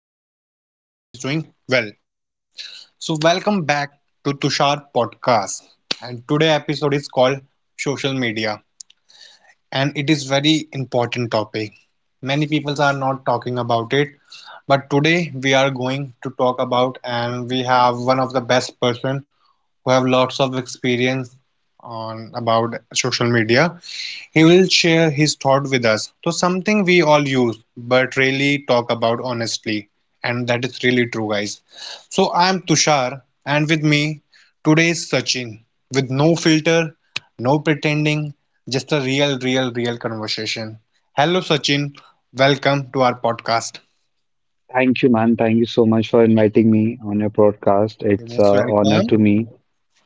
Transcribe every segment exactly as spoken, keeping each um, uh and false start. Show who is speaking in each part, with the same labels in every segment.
Speaker 1: everyone. I hope everyone is doing well. So welcome back to Tushar podcast. And today episode is called social media and it is very important topic. Many people are not talking about it, but today we are going to talk about and we have one of the best person who have lots of experience on about social media he will share his thought with us. So something we all use but really talk about honestly. And that is really true, guys. So I'm Tushar and with me today is Sachin with no filter, no pretending, just a real, real, real conversation. Hello Sachin, welcome to our podcast.
Speaker 2: Thank you, man. Thank you so much for inviting me on your podcast.
Speaker 1: You're
Speaker 2: It's an
Speaker 1: most
Speaker 2: honor
Speaker 1: welcome.
Speaker 2: to me.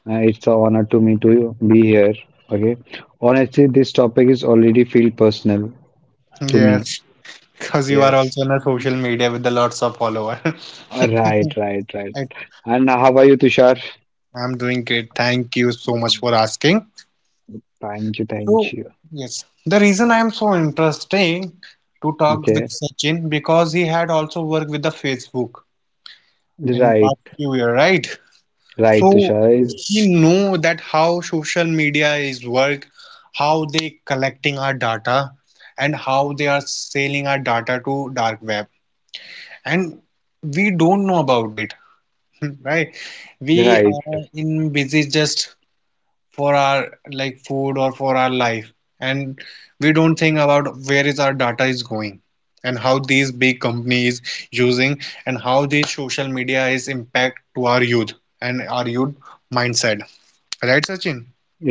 Speaker 2: Uh, it's an honor to me to be here. Okay. Honestly, this topic is already feel personal to me.
Speaker 1: Yes, because you are also
Speaker 2: Yes.
Speaker 1: on a social media with a lots of followers. I,
Speaker 2: Uh, Right, right, right. And how are you, Tushar?
Speaker 1: I'm doing great. Thank you so much for asking.
Speaker 2: Thank you, thank
Speaker 1: So,
Speaker 2: you.
Speaker 1: yes, the reason I am so interesting to talk with
Speaker 2: Okay.
Speaker 1: Sachin because he had also worked with the Facebook in past
Speaker 2: Right,
Speaker 1: few year, right?
Speaker 2: right,
Speaker 1: So
Speaker 2: Tushar.
Speaker 1: he know that how social media is work, how they collecting our data, and how they are selling our data to dark web, and we don't know about it, right? We
Speaker 2: Right,
Speaker 1: are in busy just for our like food or for our life and we don't think about where is our data is going and how these big companies using and how these social media is impact to our youth and our youth mindset, right Sachin?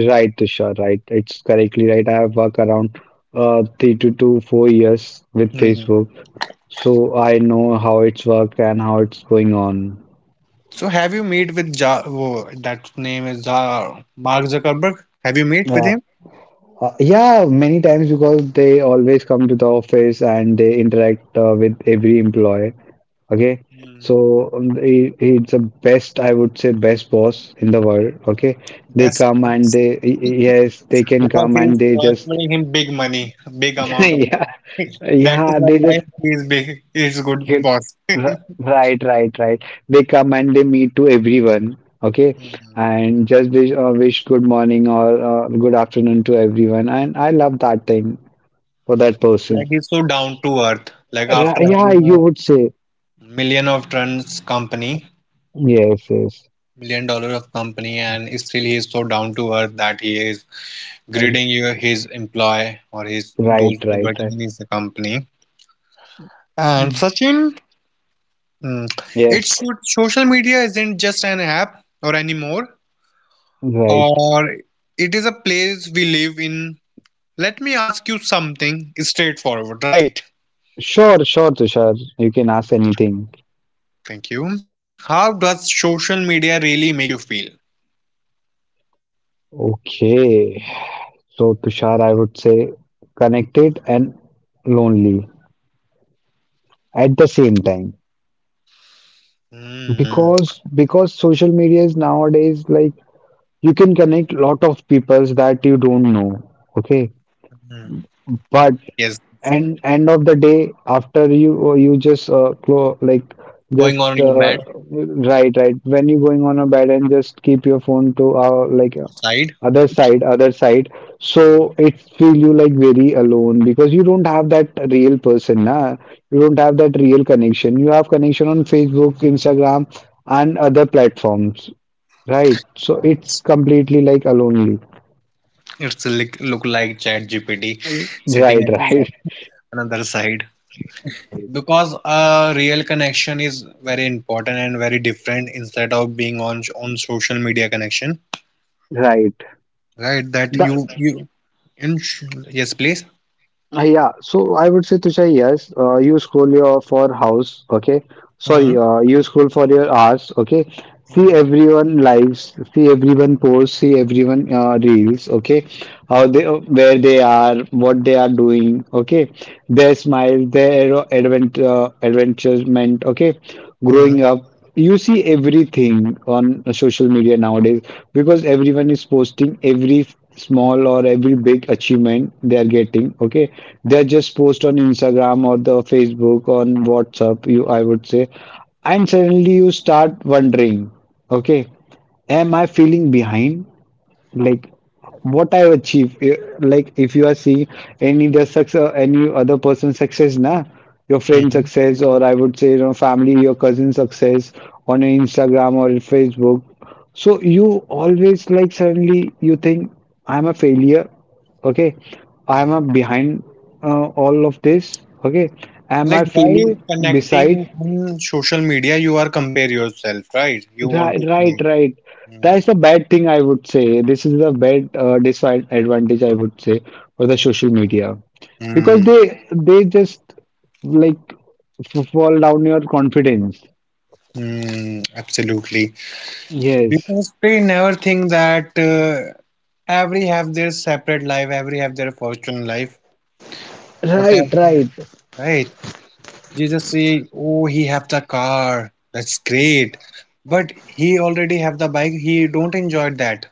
Speaker 2: right, Tushar. Right. It's correctly right. I have worked around uh three to two, four years with
Speaker 1: Hmm.
Speaker 2: Facebook. So I know how it's work and how it's going on.
Speaker 1: So have you meet with ja, oh, that name is ja, Mark Zuckerberg, have you meet with
Speaker 2: Uh,
Speaker 1: him?
Speaker 2: uh, yeah, many times because they always come to the office and they interact uh, with every employee. Okay,
Speaker 1: Hmm.
Speaker 2: so um, he, he's the best, I would say, best boss in the world. Okay, they
Speaker 1: That's
Speaker 2: come and they y- y- yes, they can
Speaker 1: because
Speaker 2: come and
Speaker 1: he's
Speaker 2: they just
Speaker 1: transferring him big money, big amount of money.
Speaker 2: yeah,
Speaker 1: That is
Speaker 2: yeah,
Speaker 1: why
Speaker 2: they just
Speaker 1: guys, he's big, he's good
Speaker 2: get
Speaker 1: boss.
Speaker 2: r- right, right, right. They come and they meet to everyone. Okay,
Speaker 1: Hmm.
Speaker 2: and just wish, uh, wish good morning or uh, good afternoon to everyone, and I love that thing for that
Speaker 1: Like
Speaker 2: person.
Speaker 1: he's so down to earth. Like
Speaker 2: Ri-
Speaker 1: after
Speaker 2: Yeah,
Speaker 1: having
Speaker 2: you
Speaker 1: a
Speaker 2: would say
Speaker 1: million of tons company,
Speaker 2: yes, yes,
Speaker 1: million dollar of company, and still he is so down to earth that he is
Speaker 2: R-
Speaker 1: greeting you his employee or his those
Speaker 2: right,
Speaker 1: who are
Speaker 2: right,
Speaker 1: working
Speaker 2: right.
Speaker 1: in his company. And
Speaker 2: Mm.
Speaker 1: Sachin, mm, it's
Speaker 2: Yes,
Speaker 1: so- social media isn't just an app or anymore,
Speaker 2: right.
Speaker 1: or it is a place we live in. Let me ask you something straightforward, right?
Speaker 2: Sure, sure, Tushar. You can ask anything.
Speaker 1: Thank you. How does social media really make you feel?
Speaker 2: Okay. So, Tushar, I
Speaker 1: Hmm.
Speaker 2: would say connected and lonely at the same time
Speaker 1: Hmm.
Speaker 2: because because social media is nowadays like you can connect lot of peoples that you don't know. Okay,
Speaker 1: Hmm.
Speaker 2: but
Speaker 1: Yes,
Speaker 2: and end of the day after you uh, you just uh, clo like
Speaker 1: going
Speaker 2: just
Speaker 1: on your
Speaker 2: uh,
Speaker 1: bed
Speaker 2: right, right when you're going on a bed and just keep your phone to uh, like uh,
Speaker 1: side.
Speaker 2: other side other side, so
Speaker 1: Yeah.
Speaker 2: it feel you like very alone because you don't have that real person, na, you don't have that real connection. You have connection on Facebook, Instagram and other platforms, right? So it's
Speaker 1: It's,
Speaker 2: completely like lonely.
Speaker 1: it's like, look like Chat G P T sitting
Speaker 2: Right,
Speaker 1: on
Speaker 2: right.
Speaker 1: some- another side because a real connection is very important and very different instead of being on on social media connection,
Speaker 2: Right.
Speaker 1: right? That you
Speaker 2: The.
Speaker 1: you and yes, please.
Speaker 2: Uh, Yeah, so I would say Tushar, yes, uh, you scroll your for house, okay? Sorry,
Speaker 1: Mhm,
Speaker 2: uh, you scroll for your hours, okay? See
Speaker 1: mhm,
Speaker 2: everyone lives, see everyone posts, see everyone uh, reels, okay? How they, uh, where they are, what they are doing, okay? Their smile, their advent, uh, adventurement, okay? Growing
Speaker 1: mhm,
Speaker 2: up, you see everything on social media nowadays because everyone is posting every small or every big achievement they are getting, okay? They are just post on Instagram or the Facebook on WhatsApp, you, I would say. And suddenly you start wondering, okay, am I feeling behind? Like what I achieve. eh, Like if you are seeing any the success, any other person's success, nah, your friend
Speaker 1: Mhm,
Speaker 2: success, or I would say, you know, family, your cousin success on your Instagram or your Facebook. So you always like suddenly you think I'm a failure. Okay, I'm
Speaker 1: mhm.
Speaker 2: a behind uh, all of this. Okay, am
Speaker 1: Like
Speaker 2: I
Speaker 1: while
Speaker 2: feeling
Speaker 1: connecting
Speaker 2: beside?
Speaker 1: on social media, you are compare yourself, right? You want
Speaker 2: Right,
Speaker 1: to
Speaker 2: right,
Speaker 1: see.
Speaker 2: right.
Speaker 1: Mm,
Speaker 2: That's the bad thing, I would say. This is the bad uh, disadvantage, I would say, for the social media because
Speaker 1: mm,
Speaker 2: they they just like f- fall down your confidence.
Speaker 1: mm, absolutely.
Speaker 2: Yes.
Speaker 1: Because they never think that uh, every have their separate life, every have their fortune life,
Speaker 2: Right,
Speaker 1: whatever,
Speaker 2: right.
Speaker 1: right? You just say, oh, he have the car, that's great. But he already have the bike, he don't enjoy that.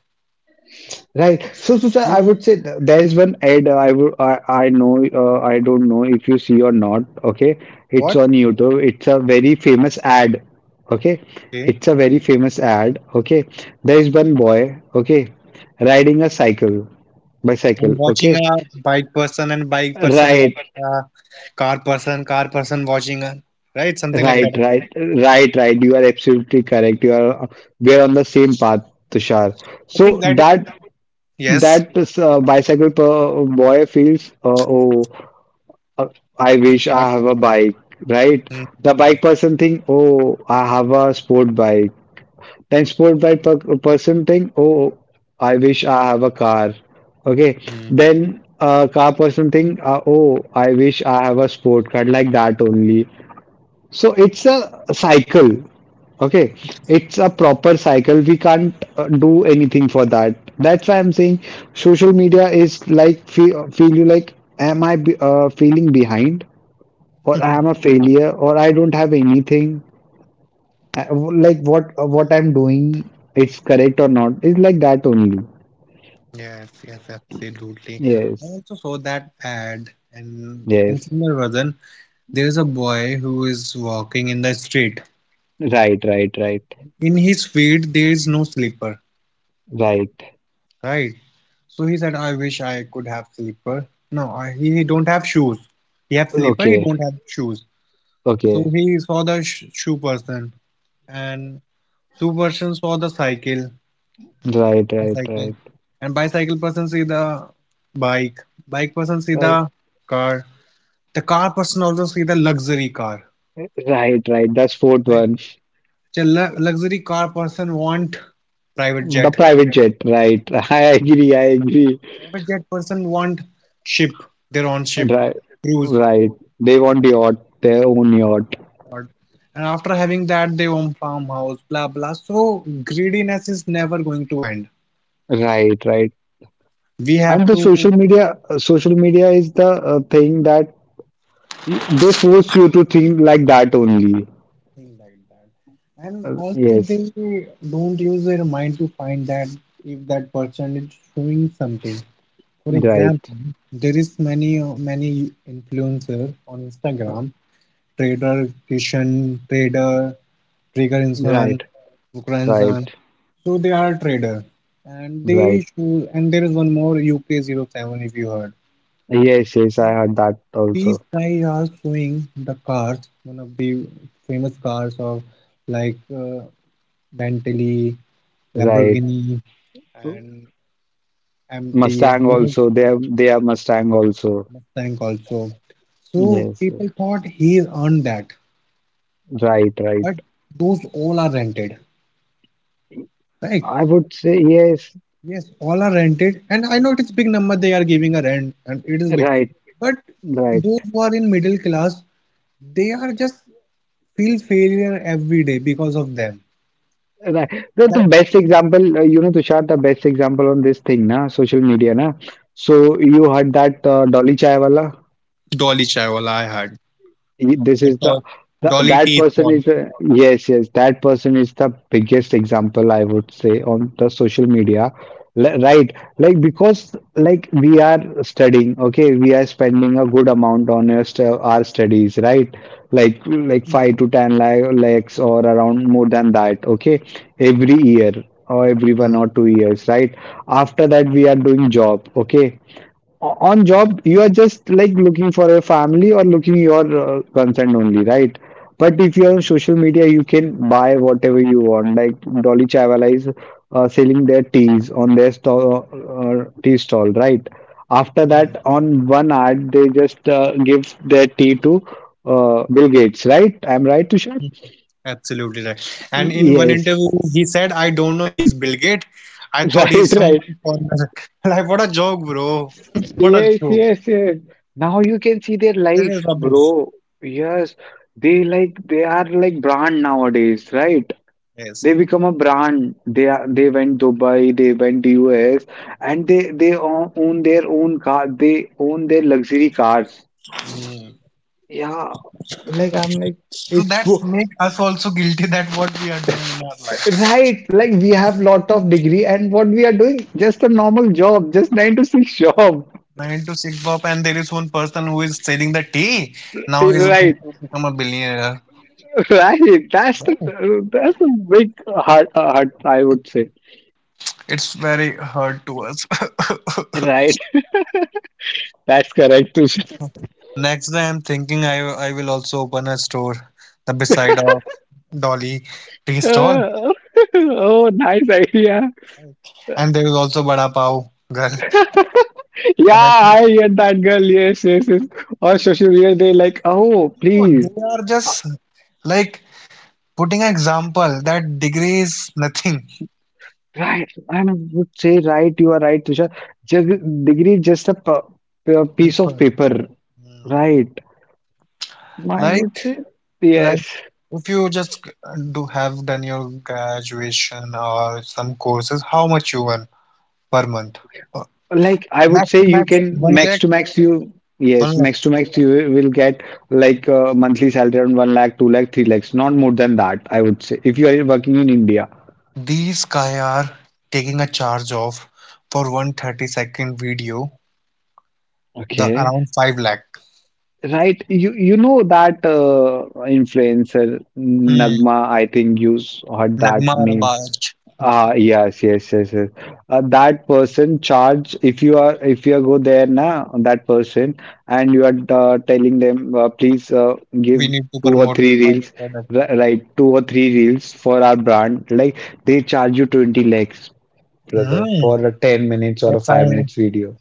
Speaker 2: Right. So, so, sir, I
Speaker 1: We
Speaker 2: would say th- there is one ad, uh, I would I, I know, uh, I don't know if you see or not. Okay, it's
Speaker 1: watch,
Speaker 2: on YouTube. It's a very famous ad. Okay,
Speaker 1: okay,
Speaker 2: it's a very famous ad. Okay, there is one boy. Okay, riding a cycle, bicycle.
Speaker 1: and watching
Speaker 2: Okay,
Speaker 1: a bike person and bike person
Speaker 2: right,
Speaker 1: watching a car person, car person watching a right something like
Speaker 2: right,
Speaker 1: that.
Speaker 2: right, right, right. You are absolutely correct. You are we are on the same path, Tushar.
Speaker 1: I think
Speaker 2: So
Speaker 1: that is
Speaker 2: that
Speaker 1: yes,
Speaker 2: that uh, bicycle per boy feels uh, oh. Uh,
Speaker 1: we
Speaker 2: I wish
Speaker 1: have
Speaker 2: I
Speaker 1: bike.
Speaker 2: have a bike,
Speaker 1: Hmm.
Speaker 2: right? The bike person think, oh, I have a sport bike. Then sport bike per person think, oh, I wish I have a car.
Speaker 1: Mhm.
Speaker 2: Okay. Then uh, car person think, uh, oh, I wish I have a sport car like that only. So it's a cycle. Okay, it's a proper cycle. We can't uh, do anything for that. That's why I'm saying social media is like feel, feel you like am I be, uh, feeling behind? Or I am a failure or I don't have anything I- like what what I'm doing, it's correct or not, it's like that only.
Speaker 1: Yes, yes, absolutely. I
Speaker 2: Yes,
Speaker 1: also saw that ad, and in
Speaker 2: yes,
Speaker 1: similar version, there is a boy who is walking in the street.
Speaker 2: right, right, right,
Speaker 1: In his feet, there is no slipper,
Speaker 2: right.
Speaker 1: right? So he said, I wish I could have slipper. No, I, he, he don't have shoes. He have slipper, he
Speaker 2: Okay,
Speaker 1: don't have shoes. So
Speaker 2: okay,
Speaker 1: he saw the sh shoe person and shoe person saw the cycle,
Speaker 2: right, right,
Speaker 1: bicycle.
Speaker 2: right,
Speaker 1: And bicycle person see the bike. Bike person see
Speaker 2: right,
Speaker 1: the car. The car person also see the luxury car,
Speaker 2: right, right, that's fourth
Speaker 1: right?
Speaker 2: one.
Speaker 1: The lu- luxury car person want private
Speaker 2: The
Speaker 1: jet.
Speaker 2: private jet, right? I agree, I agree.
Speaker 1: Private jet person want ship, their own ship,
Speaker 2: Right,
Speaker 1: cruise.
Speaker 2: right. They want yacht, their own yacht.
Speaker 1: God. And after having that, they own farmhouse, blah blah. So greediness is never going to end.
Speaker 2: Right, right.
Speaker 1: We
Speaker 2: And
Speaker 1: have
Speaker 2: the
Speaker 1: to think
Speaker 2: social media, uh, social media is the uh, thing that you, they force you to think like that only.
Speaker 1: like that. And
Speaker 2: Uh,
Speaker 1: also,
Speaker 2: yes,
Speaker 1: they don't use their mind to find that if that person is showing something. For example,
Speaker 2: right,
Speaker 1: there is many uh, many influencer on Instagram trader Kishan, trader trigger Pregarinsan,
Speaker 2: right, right,
Speaker 1: Bukransan. So they are trader, and they
Speaker 2: right.
Speaker 1: show, and there is one more uk zero seven if you heard.
Speaker 2: Yes, yes, I
Speaker 1: So
Speaker 2: heard that
Speaker 1: these
Speaker 2: also.
Speaker 1: guys are showing the cars, one of the famous cars of like uh, Bentley,
Speaker 2: Right.
Speaker 1: Lamborghini, and M T and
Speaker 2: Mustang also. They have they have Mustang also.
Speaker 1: Mustang also. So
Speaker 2: Yes, yes,
Speaker 1: people thought he is on that,
Speaker 2: right, right.
Speaker 1: but those all are rented, right?
Speaker 2: I would say yes.
Speaker 1: Yes, all are rented, and I know it is big number they are giving a rent, and it is
Speaker 2: Right,
Speaker 1: big.
Speaker 2: right,
Speaker 1: But
Speaker 2: right.
Speaker 1: those who are in middle class, they are just feel failure every day because of them.
Speaker 2: The, the
Speaker 1: That
Speaker 2: best example, uh, you know, Tushar, the best example on this thing, na, social media, na. So you heard that uh, Dolly Chaiwala?
Speaker 1: dolly chai wala I had,
Speaker 2: this
Speaker 1: a
Speaker 2: is
Speaker 1: to
Speaker 2: the, the
Speaker 1: dolly
Speaker 2: that
Speaker 1: tea
Speaker 2: person
Speaker 1: one.
Speaker 2: is uh, yes, yes, that person is the biggest example, I would say, on the social media. Li- right, like because like we are studying, okay, we are spending a good amount on our, stu- our studies, right, like like five to ten la- lakhs or around more than that, okay, every year or every one or two years, right? After that, we are doing job, okay. O- on job, you are just like looking for a family or looking your uh, consent only, right? But if you're on social media, you can buy whatever you want. Like Dolly Chawla is uh, selling their teas on their stall, uh, uh, tea stall, right? After that, on one ad, they just uh, give their tea to uh, Bill Gates, right? I'm right, Tushar?
Speaker 1: Absolutely right. And
Speaker 2: Y-
Speaker 1: in one
Speaker 2: yes.
Speaker 1: interview, he said, "I don't know, he's Bill Gates. I thought he's
Speaker 2: Right, right.
Speaker 1: someone foreigner." Like what a joke, bro! What a
Speaker 2: Yes,
Speaker 1: joke!
Speaker 2: yes, yes. Now you can see their
Speaker 1: This is
Speaker 2: life,
Speaker 1: rubbish.
Speaker 2: bro. Yes, they like they are like brand nowadays, right?
Speaker 1: Yes.
Speaker 2: They become a brand. They are they went Dubai, they went U S, and they they o- own their own car. They own their luxury cars.
Speaker 1: Hmm.
Speaker 2: Yeah, like I'm like
Speaker 1: So
Speaker 2: it's
Speaker 1: that's
Speaker 2: go
Speaker 1: make us also guilty that what we are doing in our life.
Speaker 2: right. Like we have lot of degree, and what we are doing, just a normal job, just nine to six job.
Speaker 1: Nine to six job, and there is one person who is selling the tea. Now he's going
Speaker 2: Right.
Speaker 1: to become a billionaire.
Speaker 2: Right, that's the
Speaker 1: No,
Speaker 2: that's the big heart uh, heart, I would say.
Speaker 1: it's very hard to us.
Speaker 2: Right, that's correct, Tushar.
Speaker 1: Next day, I'm thinking I I will also open a store, the beside of Dolly tea stall,
Speaker 2: Uh, oh, nice idea.
Speaker 1: and there is also Bada Pav girl.
Speaker 2: Yeah,
Speaker 1: But I think
Speaker 2: I hear that girl. Yes, yes, yes. On social media, they like, oh,
Speaker 1: no,
Speaker 2: please.
Speaker 1: they are
Speaker 2: Uh,
Speaker 1: just like putting an example that degree is nothing.
Speaker 2: right, and I would say, right, you are right, Tushar. Just
Speaker 1: Mm.
Speaker 2: degree, is just a p- p- piece of
Speaker 1: People.
Speaker 2: paper.
Speaker 1: Mm.
Speaker 2: Right. I would
Speaker 1: Like,
Speaker 2: say,
Speaker 1: like
Speaker 2: yes.
Speaker 1: if you just g- do have done your graduation or some courses, how much you earn per month? Uh,
Speaker 2: Like I would
Speaker 1: Max
Speaker 2: say
Speaker 1: to
Speaker 2: you
Speaker 1: max,
Speaker 2: can
Speaker 1: one
Speaker 2: max
Speaker 1: lakh,
Speaker 2: to max you,
Speaker 1: one
Speaker 2: yes,
Speaker 1: lakh.
Speaker 2: max to max you will get like a monthly salary around one lakh two lakh three lakhs, not more than that, I would say, if you are working in India.
Speaker 1: These guy are taking a charge of for one thirty second video, the
Speaker 2: Okay,
Speaker 1: around five lakh.
Speaker 2: right, you you know that uh, influencer
Speaker 1: Hmm.
Speaker 2: Nagma, I think you s- heard
Speaker 1: Nagma
Speaker 2: that name.
Speaker 1: Rabaj,
Speaker 2: Ah, yes, yes, yes, yes. Uh, that person charge, if you are if you go there now that person and you are uh, telling them, uh, please, uh,
Speaker 1: we
Speaker 2: give
Speaker 1: need to
Speaker 2: two or
Speaker 1: promote
Speaker 2: three
Speaker 1: our
Speaker 2: reels,
Speaker 1: product.
Speaker 2: ri- right, two or three reels for our brand, like they charge you twenty lakhs, brother, for
Speaker 1: Hmm.
Speaker 2: a ten minutes or a
Speaker 1: Yes,
Speaker 2: five
Speaker 1: I
Speaker 2: minutes video.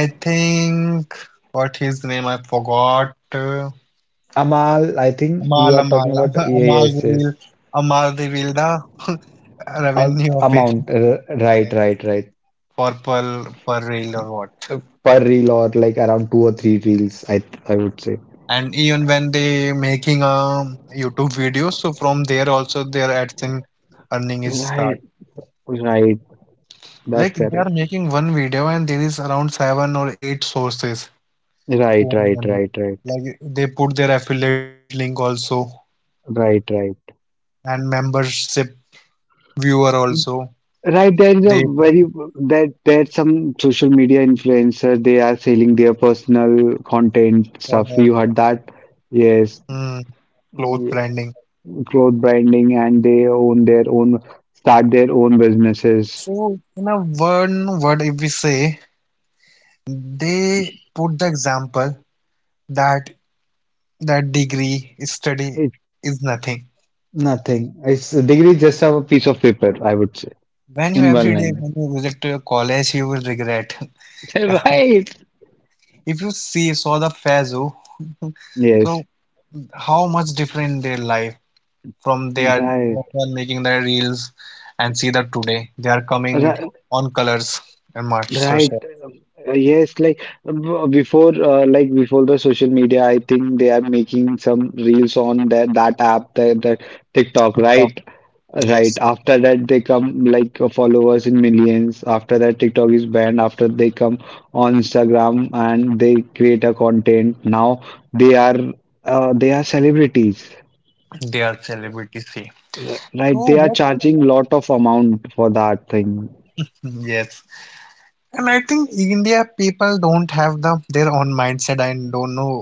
Speaker 1: I think what his name I forgot.
Speaker 2: Amal, I think you
Speaker 1: Amal,
Speaker 2: are
Speaker 1: Amal,
Speaker 2: talking about, yeah,
Speaker 1: Amal
Speaker 2: yes,
Speaker 1: revealed,
Speaker 2: yes.
Speaker 1: Amal revealed the
Speaker 2: Uh,
Speaker 1: revenue of it.
Speaker 2: Amount, uh, right,
Speaker 1: Yes,
Speaker 2: right, right.
Speaker 1: for per per reel or what.
Speaker 2: Uh, Per reel or like around two or three reels, I I would say.
Speaker 1: And even when they making a YouTube video, so from there also their AdSense earning is start.
Speaker 2: Right. Right, that's
Speaker 1: Like they
Speaker 2: correct.
Speaker 1: are making one video and there is around seven or eight sources
Speaker 2: Right,
Speaker 1: to earn
Speaker 2: right,
Speaker 1: money.
Speaker 2: right, right,
Speaker 1: Like they put their affiliate link also
Speaker 2: right, right.
Speaker 1: and membership viewer also.
Speaker 2: Right,
Speaker 1: They
Speaker 2: there is
Speaker 1: put
Speaker 2: a very that there's some social media influencer, they are selling their personal content
Speaker 1: product,
Speaker 2: stuff. You heard that?
Speaker 1: mm,
Speaker 2: Yes,
Speaker 1: clothes branding.
Speaker 2: mm, cloth branding and they own their own, start their own
Speaker 1: So,
Speaker 2: businesses.
Speaker 1: in a one word, if we say, they put the example that that degree study
Speaker 2: It's
Speaker 1: is nothing.
Speaker 2: nothing. It's a degree just a piece of paper, I would say,
Speaker 1: When you
Speaker 2: in
Speaker 1: every
Speaker 2: one
Speaker 1: day
Speaker 2: line.
Speaker 1: when you visit to your college, you will regret. Yeah.
Speaker 2: Right.
Speaker 1: If you see saw the Fazu,
Speaker 2: Yes,
Speaker 1: so how much different their life from they are
Speaker 2: right.
Speaker 1: they are making their reels and see that today they are coming
Speaker 2: Right,
Speaker 1: on colors and much so,
Speaker 2: right.
Speaker 1: so,
Speaker 2: Uh, yes, like um, b- before, uh, like before the social media, I think they are making some reels on that that app, that, that TikTok,
Speaker 1: TikTok.
Speaker 2: right? Right.
Speaker 1: Yes,
Speaker 2: After that, they come like uh, followers in millions. After that, TikTok is banned. After they come on Instagram and they create a content. Now they are uh, they are celebrities,
Speaker 1: they are celebrity. See.
Speaker 2: r- right?
Speaker 1: Oh,
Speaker 2: They are
Speaker 1: what?
Speaker 2: charging lot of amount for that thing.
Speaker 1: Yes. And I think India people don't have the their own mindset. I don't know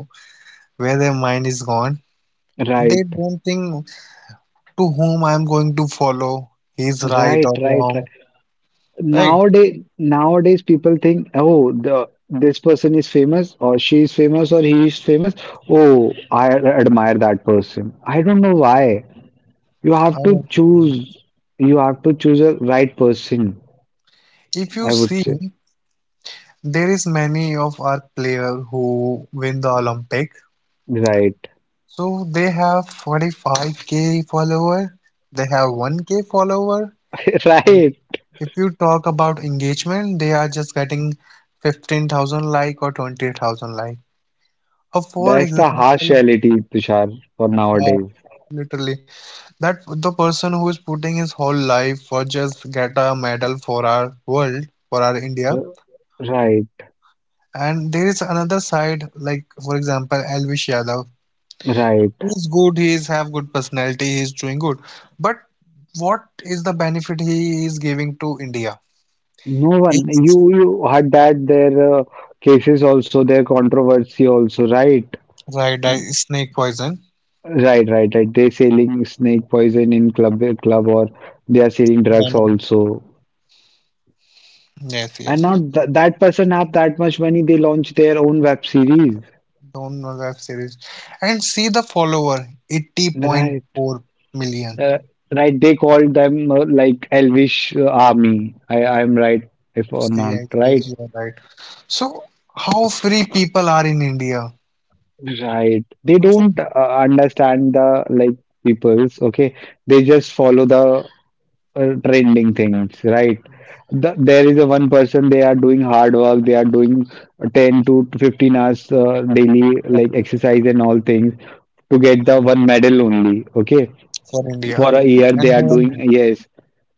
Speaker 1: where their mind is gone.
Speaker 2: Right.
Speaker 1: They don't think to whom I'm going to follow. He's right
Speaker 2: Right.
Speaker 1: or
Speaker 2: Right.
Speaker 1: wrong. Right?
Speaker 2: Nowadays, nowadays people think, oh, the this person is famous, or she is famous, or he is famous. Oh, I admire that person. I don't know why. You
Speaker 1: I
Speaker 2: have to
Speaker 1: also know.
Speaker 2: choose. You have to choose a right person.
Speaker 1: If you
Speaker 2: I would
Speaker 1: see,
Speaker 2: say
Speaker 1: there is many of our player who win the Olympic.
Speaker 2: right,
Speaker 1: So they have forty-five k follower. They have one k follower. And
Speaker 2: right.
Speaker 1: if you talk about engagement, they are just getting fifteen thousand like or twenty thousand like. Uh, for
Speaker 2: That's the harsh
Speaker 1: example,
Speaker 2: reality, Tushar, for
Speaker 1: uh,
Speaker 2: nowadays.
Speaker 1: literally, that the person who is putting his whole life for just get a medal for our world, for our India.
Speaker 2: R- Right,
Speaker 1: And there is another side, like for example, Elvish Yadav.
Speaker 2: right.
Speaker 1: He's good, he's have good personality, he's doing good. But what is the benefit he is giving to India?
Speaker 2: No one.
Speaker 1: It's
Speaker 2: You you had that their uh, cases also, their controversy also, right?
Speaker 1: right, I- snake poison,
Speaker 2: Right, right, right. They selling snake poison in club club or they are selling drugs
Speaker 1: venom.
Speaker 2: also.
Speaker 1: Yes,
Speaker 2: And
Speaker 1: yes.
Speaker 2: now th that person have that much money, they launch their own web series.
Speaker 1: Don't know that series. And see the follower,
Speaker 2: Right.
Speaker 1: eighty point four million.
Speaker 2: Uh, right. They call them uh, like Elvish uh, Army. I I'm right if or not
Speaker 1: Yes, yes,
Speaker 2: right.
Speaker 1: you are right. So, how free people are in India?
Speaker 2: Right. They
Speaker 1: Also,
Speaker 2: don't uh, understand the like peoples. Okay. They just follow the uh, trending things, right?
Speaker 1: yes,
Speaker 2: The, there is a one person they are doing hard work, they are doing ten to fifteen hours uh,
Speaker 1: that
Speaker 2: daily, like
Speaker 1: is
Speaker 2: exercise and all things to
Speaker 1: hmm,
Speaker 2: get the one medal only. Okay,
Speaker 1: for India,
Speaker 2: for a
Speaker 1: and no
Speaker 2: year they
Speaker 1: one
Speaker 2: are
Speaker 1: knows.
Speaker 2: doing. Yes,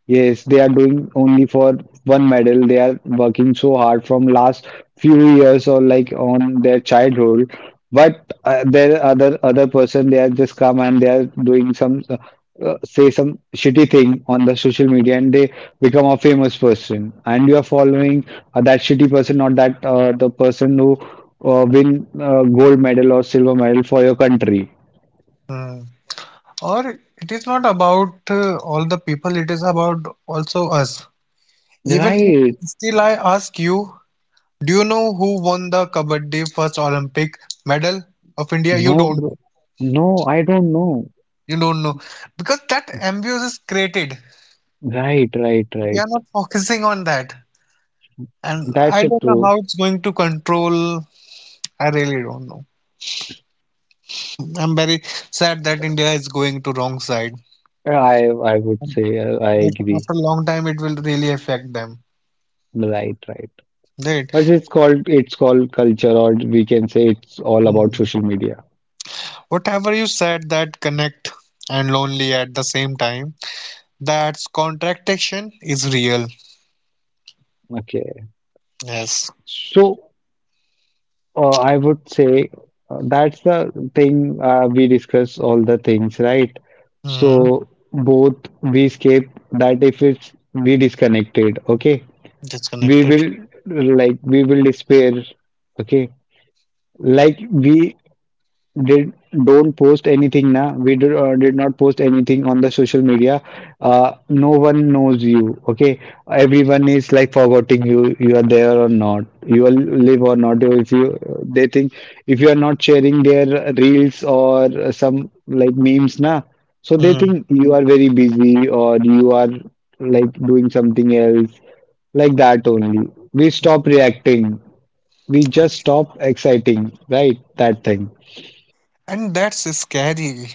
Speaker 2: yes, they are doing only for one medal. They are working so hard from last few years or like on their childhood, but uh, there are other other person, they are just come and they are doing some uh, uh, say some shitty thing on the social media and they become a famous person and you are following uh, that shitty person, not that uh, the person who uh, win uh, gold medal or silver medal for your country,
Speaker 1: Hmm. Or it is not about uh, all the people, it is about also us. Even
Speaker 2: right?
Speaker 1: if still, I ask you, do you know who won the Kabaddi first Olympic medal of India? You
Speaker 2: No,
Speaker 1: don't
Speaker 2: bro.
Speaker 1: know.
Speaker 2: No, I don't know.
Speaker 1: You don't know because that ambience is created.
Speaker 2: Right, right,
Speaker 1: We
Speaker 2: right.
Speaker 1: are not focusing on that, and
Speaker 2: That's
Speaker 1: I
Speaker 2: so
Speaker 1: don't know
Speaker 2: true.
Speaker 1: how it's going to control. I really don't know. I'm very sad that India is going to wrong side.
Speaker 2: I I would say uh, I
Speaker 1: But
Speaker 2: agree.
Speaker 1: after a long time, it will really affect them,
Speaker 2: Right, right.
Speaker 1: right?
Speaker 2: But it's called, it's called culture, or we can say it's all about
Speaker 1: Mhm.
Speaker 2: social media.
Speaker 1: Whatever you said that connect and lonely at the same time, that's contraction is real.
Speaker 2: Okay.
Speaker 1: Yes.
Speaker 2: So uh, I would say uh, that's the thing uh, we discuss all the things, right?
Speaker 1: Mm.
Speaker 2: So both we escape that, if it's, we disconnected, okay, we
Speaker 1: Disconnected.
Speaker 2: will, like we will despair, okay. Like we did, don't post anything now. We did, uh, did not post anything on the social media. Uh, no one knows you. Okay, everyone is like forgetting you. You are there or not. You will live or not. If you, they think, if you are not sharing their reels or some like memes now, so they
Speaker 1: Mm.
Speaker 2: think you are very busy or you are like doing something else, like that only. We stop reacting. We just
Speaker 1: Okay.
Speaker 2: stop exciting, right? That thing.
Speaker 1: And that's scary,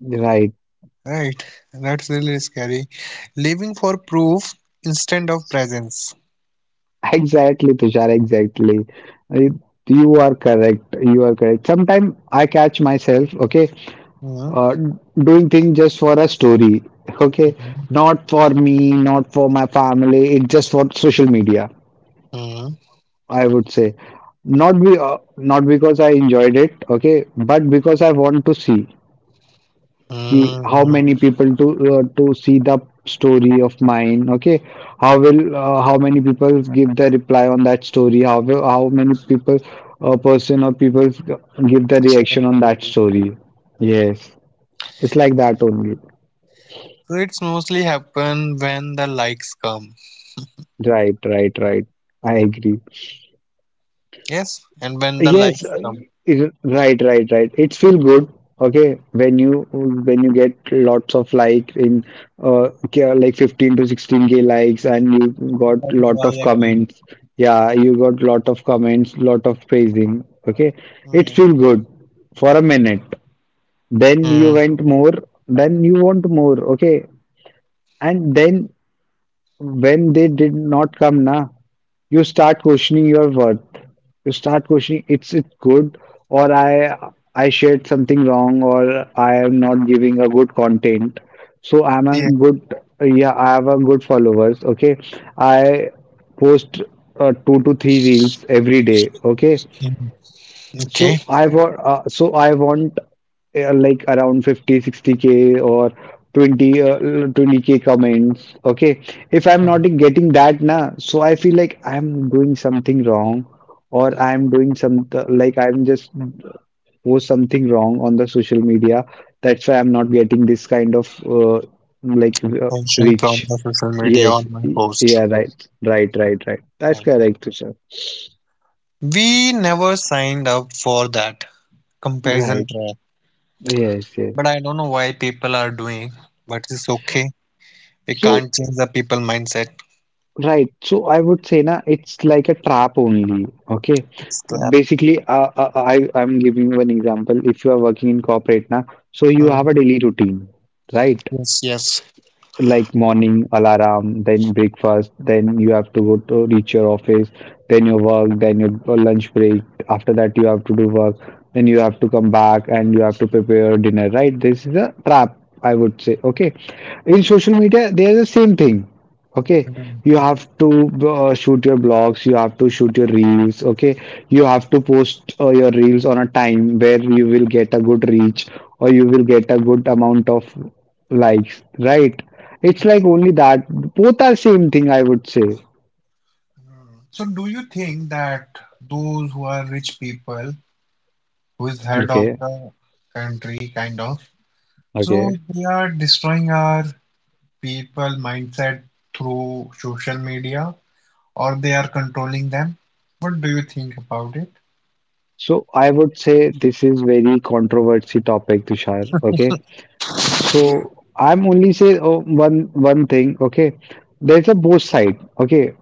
Speaker 2: Right.
Speaker 1: right? That's really scary. Living for proof instead of presence.
Speaker 2: Exactly, Tushar, exactly. Uh, You are correct. You are correct. Sometimes I catch myself, okay,
Speaker 1: Mm.
Speaker 2: uh, doing things just for a story, okay,
Speaker 1: Mm.
Speaker 2: not for me, not for my family. It's just for social media,
Speaker 1: Mm.
Speaker 2: I would say. Not be, uh, not because I enjoyed it, okay, but because I want to see ki how
Speaker 1: Mm.
Speaker 2: many people to uh, to see the story of mine, okay, how will, uh, how many people give the reply on that story, how will, how many people, a person or people, give the
Speaker 1: Share
Speaker 2: reaction
Speaker 1: the
Speaker 2: on that
Speaker 1: video.
Speaker 2: story.
Speaker 1: Mm.
Speaker 2: Yes, it's like that only.
Speaker 1: So it's mostly happen when the likes come.
Speaker 2: Right, right, right, I agree.
Speaker 1: Yes, and when the
Speaker 2: Yes,
Speaker 1: likes
Speaker 2: uh,
Speaker 1: come.
Speaker 2: i- right, right, right. It feel good, okay, when you when you get lots of like in uh k- like fifteen to sixteen k likes and
Speaker 1: Like
Speaker 2: you
Speaker 1: you are
Speaker 2: got lot
Speaker 1: liking.
Speaker 2: of comments. Yeah, you got lot of comments, lot of praising. Okay,
Speaker 1: Hmm.
Speaker 2: it feel good for a minute.
Speaker 1: Hmm.
Speaker 2: Then you went more, then you want more. Okay, and then when they did not come, na, you start questioning your worth. You start questioning, it's it's good, or I I shared something wrong, or I am not giving a good content. So
Speaker 1: Yeah.
Speaker 2: I'm a good, yeah, I have a good followers. Okay, I post uh, two to three reels every day. Okay,
Speaker 1: Mhm. Okay.
Speaker 2: so I want, uh, so I want uh, like around fifty, sixty k or twenty, uh, twenty k comments. Okay. If I'm not getting that na, so I feel like I'm doing something wrong, or I'm doing some, uh, like I'm just uh, post something wrong on the social media. That's why I'm not getting this kind of uh, like uh,
Speaker 1: Attention from
Speaker 2: reach.
Speaker 1: the social media
Speaker 2: Yes.
Speaker 1: on my post.
Speaker 2: Yeah. Right. Right. Right. Right. That's
Speaker 1: Hmm.
Speaker 2: correct, sir.
Speaker 1: We never signed up for that comparison
Speaker 2: Right.
Speaker 1: trap,
Speaker 2: Yes.
Speaker 1: but
Speaker 2: Yes.
Speaker 1: I don't know why people are doing. But it's okay. We
Speaker 2: So,
Speaker 1: can't change the people mindset.
Speaker 2: right. So I would say na it's like a trap only. Okay.
Speaker 1: It's crap.
Speaker 2: Basically, uh, uh, uh, I I'm giving you an example. If you are working in corporate na, so you
Speaker 1: Hmm.
Speaker 2: have a daily routine, right?
Speaker 1: Yes. Yes.
Speaker 2: Like morning alarm, then breakfast, then you have to go to reach your office, then your work, then your lunch break. After that, you have to do work, then you have to come back and you have to prepare your dinner, right? This is a trap, I would say. Okay, in social media, there's the same thing. Okay,
Speaker 1: Hmm.
Speaker 2: you have to uh, shoot your blogs, you have to shoot your reels. Okay, you have to post uh, your reels on a time where you will get a good reach or you will get a good amount of likes, right? It's like only that. Both are same thing, I would say.
Speaker 1: Mm. So do you think that those who are rich people, who is head of
Speaker 2: Okay,
Speaker 1: the country kind of,
Speaker 2: okay.
Speaker 1: so they are destroying our people mindset through social media or they are controlling them? What do you think about it?
Speaker 2: So I would say this is very controversy topic, Tushar. Okay. So I'm only say, oh, one one thing. Okay. There's a both side. Okay.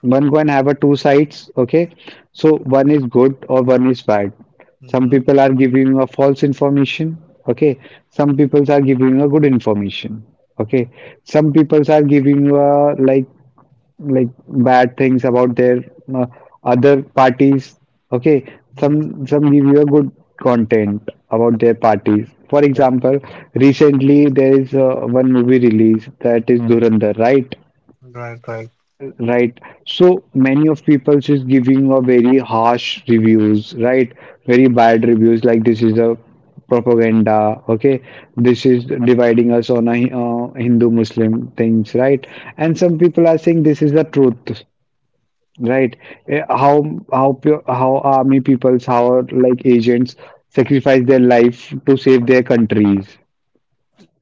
Speaker 2: One can have a two sides. Okay. So one is good or one is bad. Some
Speaker 1: Hmm.
Speaker 2: people are giving you a false information. Okay. Some people are giving you a good information. Okay. Some people are giving you a like like bad things about their uh, other parties. Okay,
Speaker 1: Hmm.
Speaker 2: some some give you a good content about their parties. For
Speaker 1: Yeah.
Speaker 2: example, recently there is uh, one movie release, that is Durandar, right?
Speaker 1: Right, right.
Speaker 2: Right. So many of people is giving a very harsh reviews, right? Very bad reviews, like this is a propaganda, okay, this is dividing us on a uh, hindu muslim things, right? And some
Speaker 1: Yeah.
Speaker 2: people are saying this is the truth, right? Eh, How how pure, how army peoples, how like agents sacrifice their life to save their countries,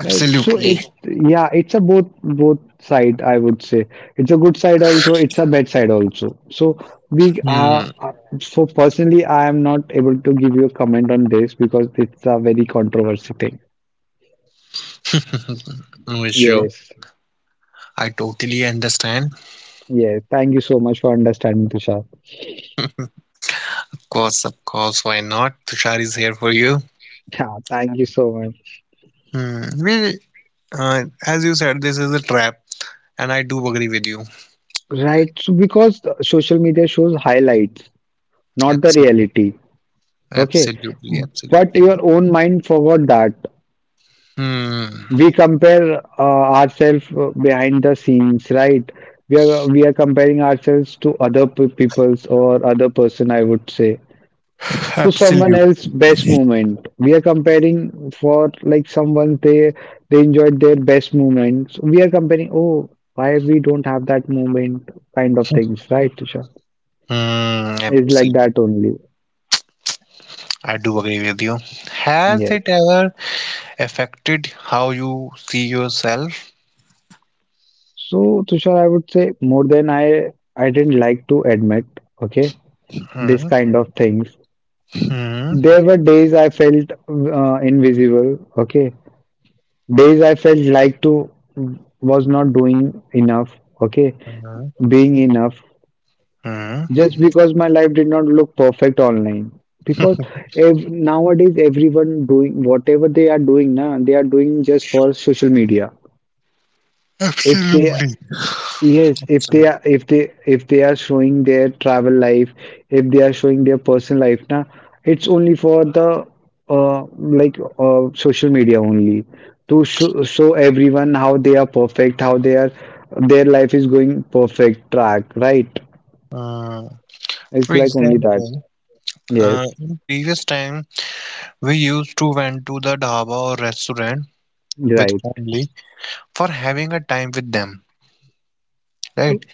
Speaker 2: right? So it, yeah, it's a both both side I would say. It's a good side also. It's a bad side also. So we
Speaker 1: Hmm.
Speaker 2: are uh, so personally, I am not able to give you a comment on this because it's a very controversy thing.
Speaker 1: No issue.
Speaker 2: Yes,
Speaker 1: I totally understand.
Speaker 2: yes. Thank you so much for understanding, Tushar.
Speaker 1: Of course, of course, why not? Tushar is here for you.
Speaker 2: Yeah, thank you so much.
Speaker 1: Hmm. We, Uh, as you said, this is a trap, and I do agree with you.
Speaker 2: Right, so because the social media shows highlights, not the
Speaker 1: Absolutely,
Speaker 2: reality. Okay.
Speaker 1: absolutely,
Speaker 2: But
Speaker 1: absolutely.
Speaker 2: your own mind forgot that.
Speaker 1: Hmm.
Speaker 2: We compare uh, ourselves behind the scenes, right? We are we are comparing ourselves to other pe- people's or other person, I would say, to someone
Speaker 1: Absolutely.
Speaker 2: else's best moment. We are comparing for like someone, they they enjoyed their best moments. We are comparing, oh, why we don't have that moment kind of things, right, Tushar?
Speaker 1: Hmm.
Speaker 2: It's like
Speaker 1: Absolutely.
Speaker 2: that only.
Speaker 1: I do agree with you. Has
Speaker 2: Yes.
Speaker 1: it ever affected how you see yourself?
Speaker 2: So, Tushar, I would say more than I I didn't like to admit, okay, this
Speaker 1: Hmm.
Speaker 2: kind of things.
Speaker 1: Hmm.
Speaker 2: There were days I felt uh, invisible, okay, days I felt like to was not doing enough, okay,
Speaker 1: Hmm.
Speaker 2: being enough,
Speaker 1: Hmm.
Speaker 2: just because my life did not look perfect online. Because ev nowadays everyone doing whatever they are doing now, they are doing just for social media. If they,
Speaker 1: Absolutely.
Speaker 2: yes, if they
Speaker 1: Absolutely.
Speaker 2: are, if they, if they are showing their travel life, if they are showing their personal life na, it's only for the uh, like uh, social media only to show, show everyone how they are perfect, how they are, their life is going perfect track, right?
Speaker 1: Uh,
Speaker 2: It's
Speaker 1: for
Speaker 2: like only that.
Speaker 1: example, uh,
Speaker 2: Yes,
Speaker 1: in previous time, we used to went to the dhaba or restaurant with
Speaker 2: right,
Speaker 1: family for having a time with them, right?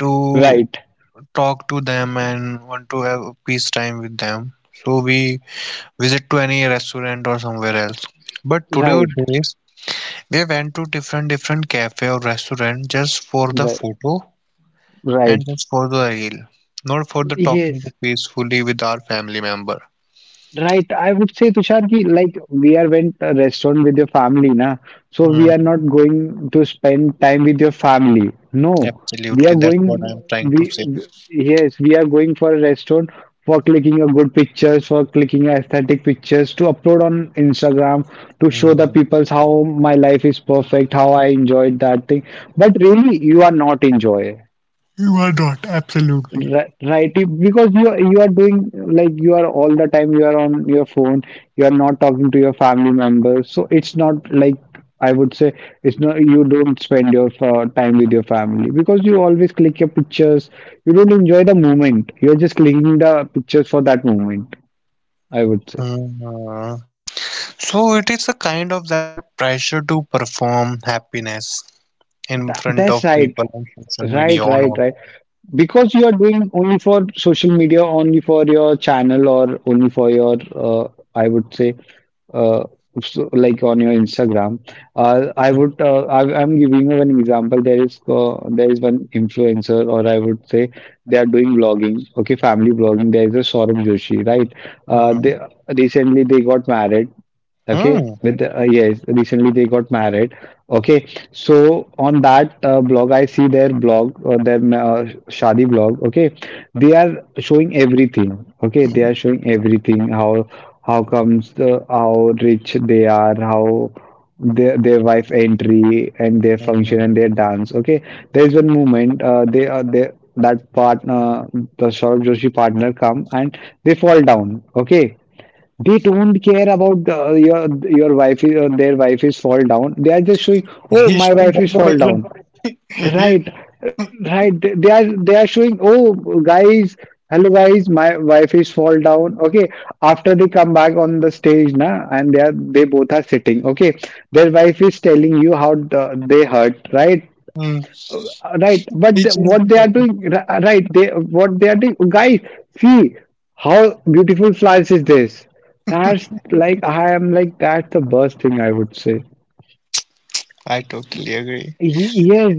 Speaker 1: To
Speaker 2: right,
Speaker 1: talk to them and want to have peace time with them. So we visit to any restaurant or somewhere else. But today
Speaker 2: right,
Speaker 1: days we went to different different cafe or restaurant just for the
Speaker 2: right,
Speaker 1: photo
Speaker 2: right.
Speaker 1: and just for the reel, not for the talking to
Speaker 2: Yes,
Speaker 1: peacefully with our family member.
Speaker 2: right, I would say Tushar ki like we are went a restaurant with your family na, so we are
Speaker 1: Mm,
Speaker 2: not going to spend time with your family. No, we
Speaker 1: absolutely,
Speaker 2: are
Speaker 1: that's
Speaker 2: going,
Speaker 1: what I'm trying
Speaker 2: we
Speaker 1: to say.
Speaker 2: we- yes we are going for a restaurant for clicking a good pictures, for clicking a aesthetic pictures to upload on Instagram to show the
Speaker 1: Mm.
Speaker 2: peoples how my life is perfect, how I enjoyed that thing. But really, you are not enjoy.
Speaker 1: You are not, absolutely.
Speaker 2: Ri- Right, you- because you are- you are doing like, you are all the time you are on your phone, you are not talking to your family members, so it's not like, I would say, it's not, you don't spend your uh, time with your family because you always click your pictures, you don't enjoy the moment, you're just clicking the pictures for that moment, I would say.
Speaker 1: Mhm. So it is a kind of that pressure to perform happiness in front
Speaker 2: That,
Speaker 1: of
Speaker 2: that's
Speaker 1: people on
Speaker 2: right,
Speaker 1: social media or
Speaker 2: right,
Speaker 1: not.
Speaker 2: right, right. Because you are doing only for social media, only for your channel, or only for your uh, I would say uh, so, like on your Instagram. Uh, I would uh, I, I'm giving you an example. There is uh, there is one influencer, or I would say they are doing vlogging. Okay, family vlogging. There is a Saurabh Joshi, right? Uh,
Speaker 1: Hmm.
Speaker 2: they recently they got married. Okay,
Speaker 1: Hmm.
Speaker 2: with uh, yes, recently they got married. Okay, so on that uh, blog, I see their blog, uh, their uh, Shadi blog. Okay, they are showing everything. Okay, they are showing everything. How how comes the, how rich they are, how their their wife entry and their
Speaker 1: Hmm.
Speaker 2: function and their dance. Okay, there is one moment uh, they are they, that partner, the Saurabh Joshi partner come and they fall down. Okay, they don't care about uh, your your wife is- or their wife is fall down. They are just showing, oh,
Speaker 1: He's
Speaker 2: my
Speaker 1: doing
Speaker 2: wife is fall
Speaker 1: decoration.
Speaker 2: down.
Speaker 1: he,
Speaker 2: Right, right. They are, they are showing, oh, guys, hello guys, my wife is fall down. Okay. After they come back on the stage, na, and they are, they both are sitting. Okay, their wife is telling you how the, they hurt. Right,
Speaker 1: hmm.
Speaker 2: right,
Speaker 1: He
Speaker 2: but the-
Speaker 1: changed
Speaker 2: what they are
Speaker 1: the
Speaker 2: doing, ri- right, they, what they are doing, guys, see how beautiful flowers is this. That's like,
Speaker 1: topic.
Speaker 2: I am like, that's the worst thing I would say.
Speaker 1: I totally agree.
Speaker 2: Ye- Yes,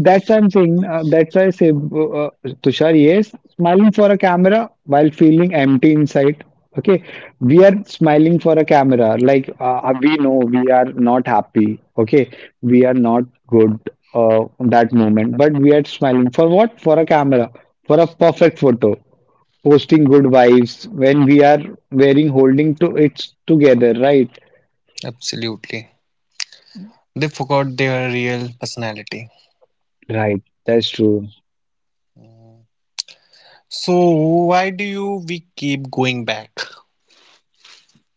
Speaker 2: that's what I'm saying. Uh, that's why I say, uh, uh, Tushar, yes, smiling for a camera while feeling empty inside. Okay, we are smiling for a camera, like uh, uh, we know we are not happy. Okay, we are not good uh, that moment, but we are smiling for what? For a camera, for a perfect photo, posting good vibes when we are wearing, holding to it together, right?
Speaker 1: Absolutely. They forgot their real personality.
Speaker 2: Right, that's true.
Speaker 1: Hmm. So why do you we keep going back?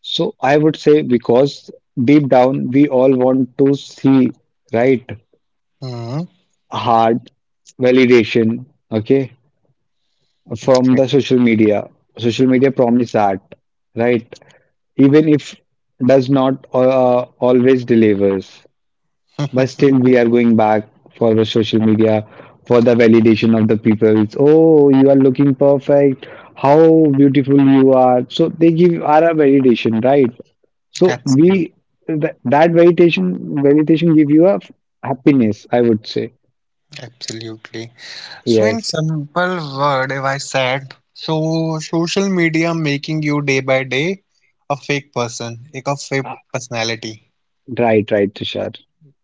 Speaker 2: So I would say because deep down we all want to see, right,
Speaker 1: Hmm.
Speaker 2: hard validation, okay, from
Speaker 1: Okay.
Speaker 2: the social media. Social media promise that, right? Even if does not uh, uh, always delivers, but still we are going back for the social media for the validation of the people. It's, oh, you are looking perfect. How beautiful you are. So they give are a validation, right? So we,
Speaker 1: Absolutely.
Speaker 2: that, that meditation meditation give you a happiness, I would say.
Speaker 1: Absolutely. So in
Speaker 2: Yes,
Speaker 1: simple word, if I said, so social media making you day by day a fake person, like a fake
Speaker 2: Uh,
Speaker 1: personality.
Speaker 2: right, right, Tushar.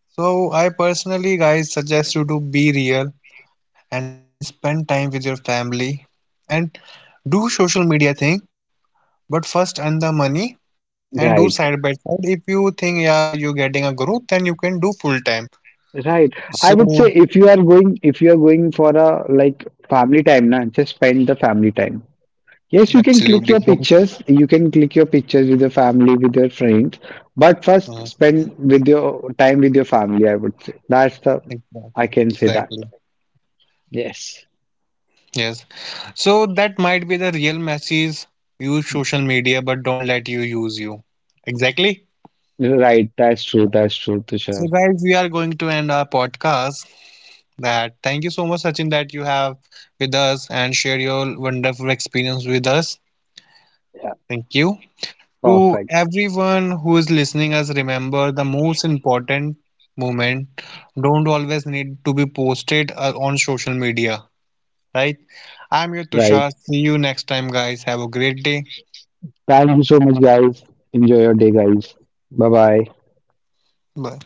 Speaker 1: So I personally, guys, suggest you to be real and spend time with your family and do social media thing, but first earn the money and do
Speaker 2: Right,
Speaker 1: side by side. If you think yeah you're getting a growth, then you can do full time.
Speaker 2: right. I would say
Speaker 1: So
Speaker 2: if you are going, if you are going for a like family time, na, just spend the family time. Yes, you can
Speaker 1: absolutely
Speaker 2: click your
Speaker 1: don't.
Speaker 2: pictures. You can click your pictures with your family, with your friends. But first,
Speaker 1: Mm,
Speaker 2: spend with your time with your family. I would say that's the, I
Speaker 1: exactly,
Speaker 2: can say that.
Speaker 1: exactly.
Speaker 2: Yes,
Speaker 1: Yes. So that might be the real message. Use social media, but don't let you use you. Exactly.
Speaker 2: right. That's true.
Speaker 1: Right.
Speaker 2: That's true,
Speaker 1: So
Speaker 2: Tushar.
Speaker 1: guys, we are going to end our podcast. That thank you so much, Sachin, that you have with us and share your wonderful experience with us.
Speaker 2: Yeah,
Speaker 1: Thank you. To
Speaker 2: perfect.
Speaker 1: everyone who is listening us, remember the most important moment don't always need to be posted uh, on social media, right? I'm your
Speaker 2: Right.
Speaker 1: Tushar. See you next time, guys. Have a great day.
Speaker 2: Thank you so much, guys. Enjoy your day, guys. Bye bye.
Speaker 1: Bye.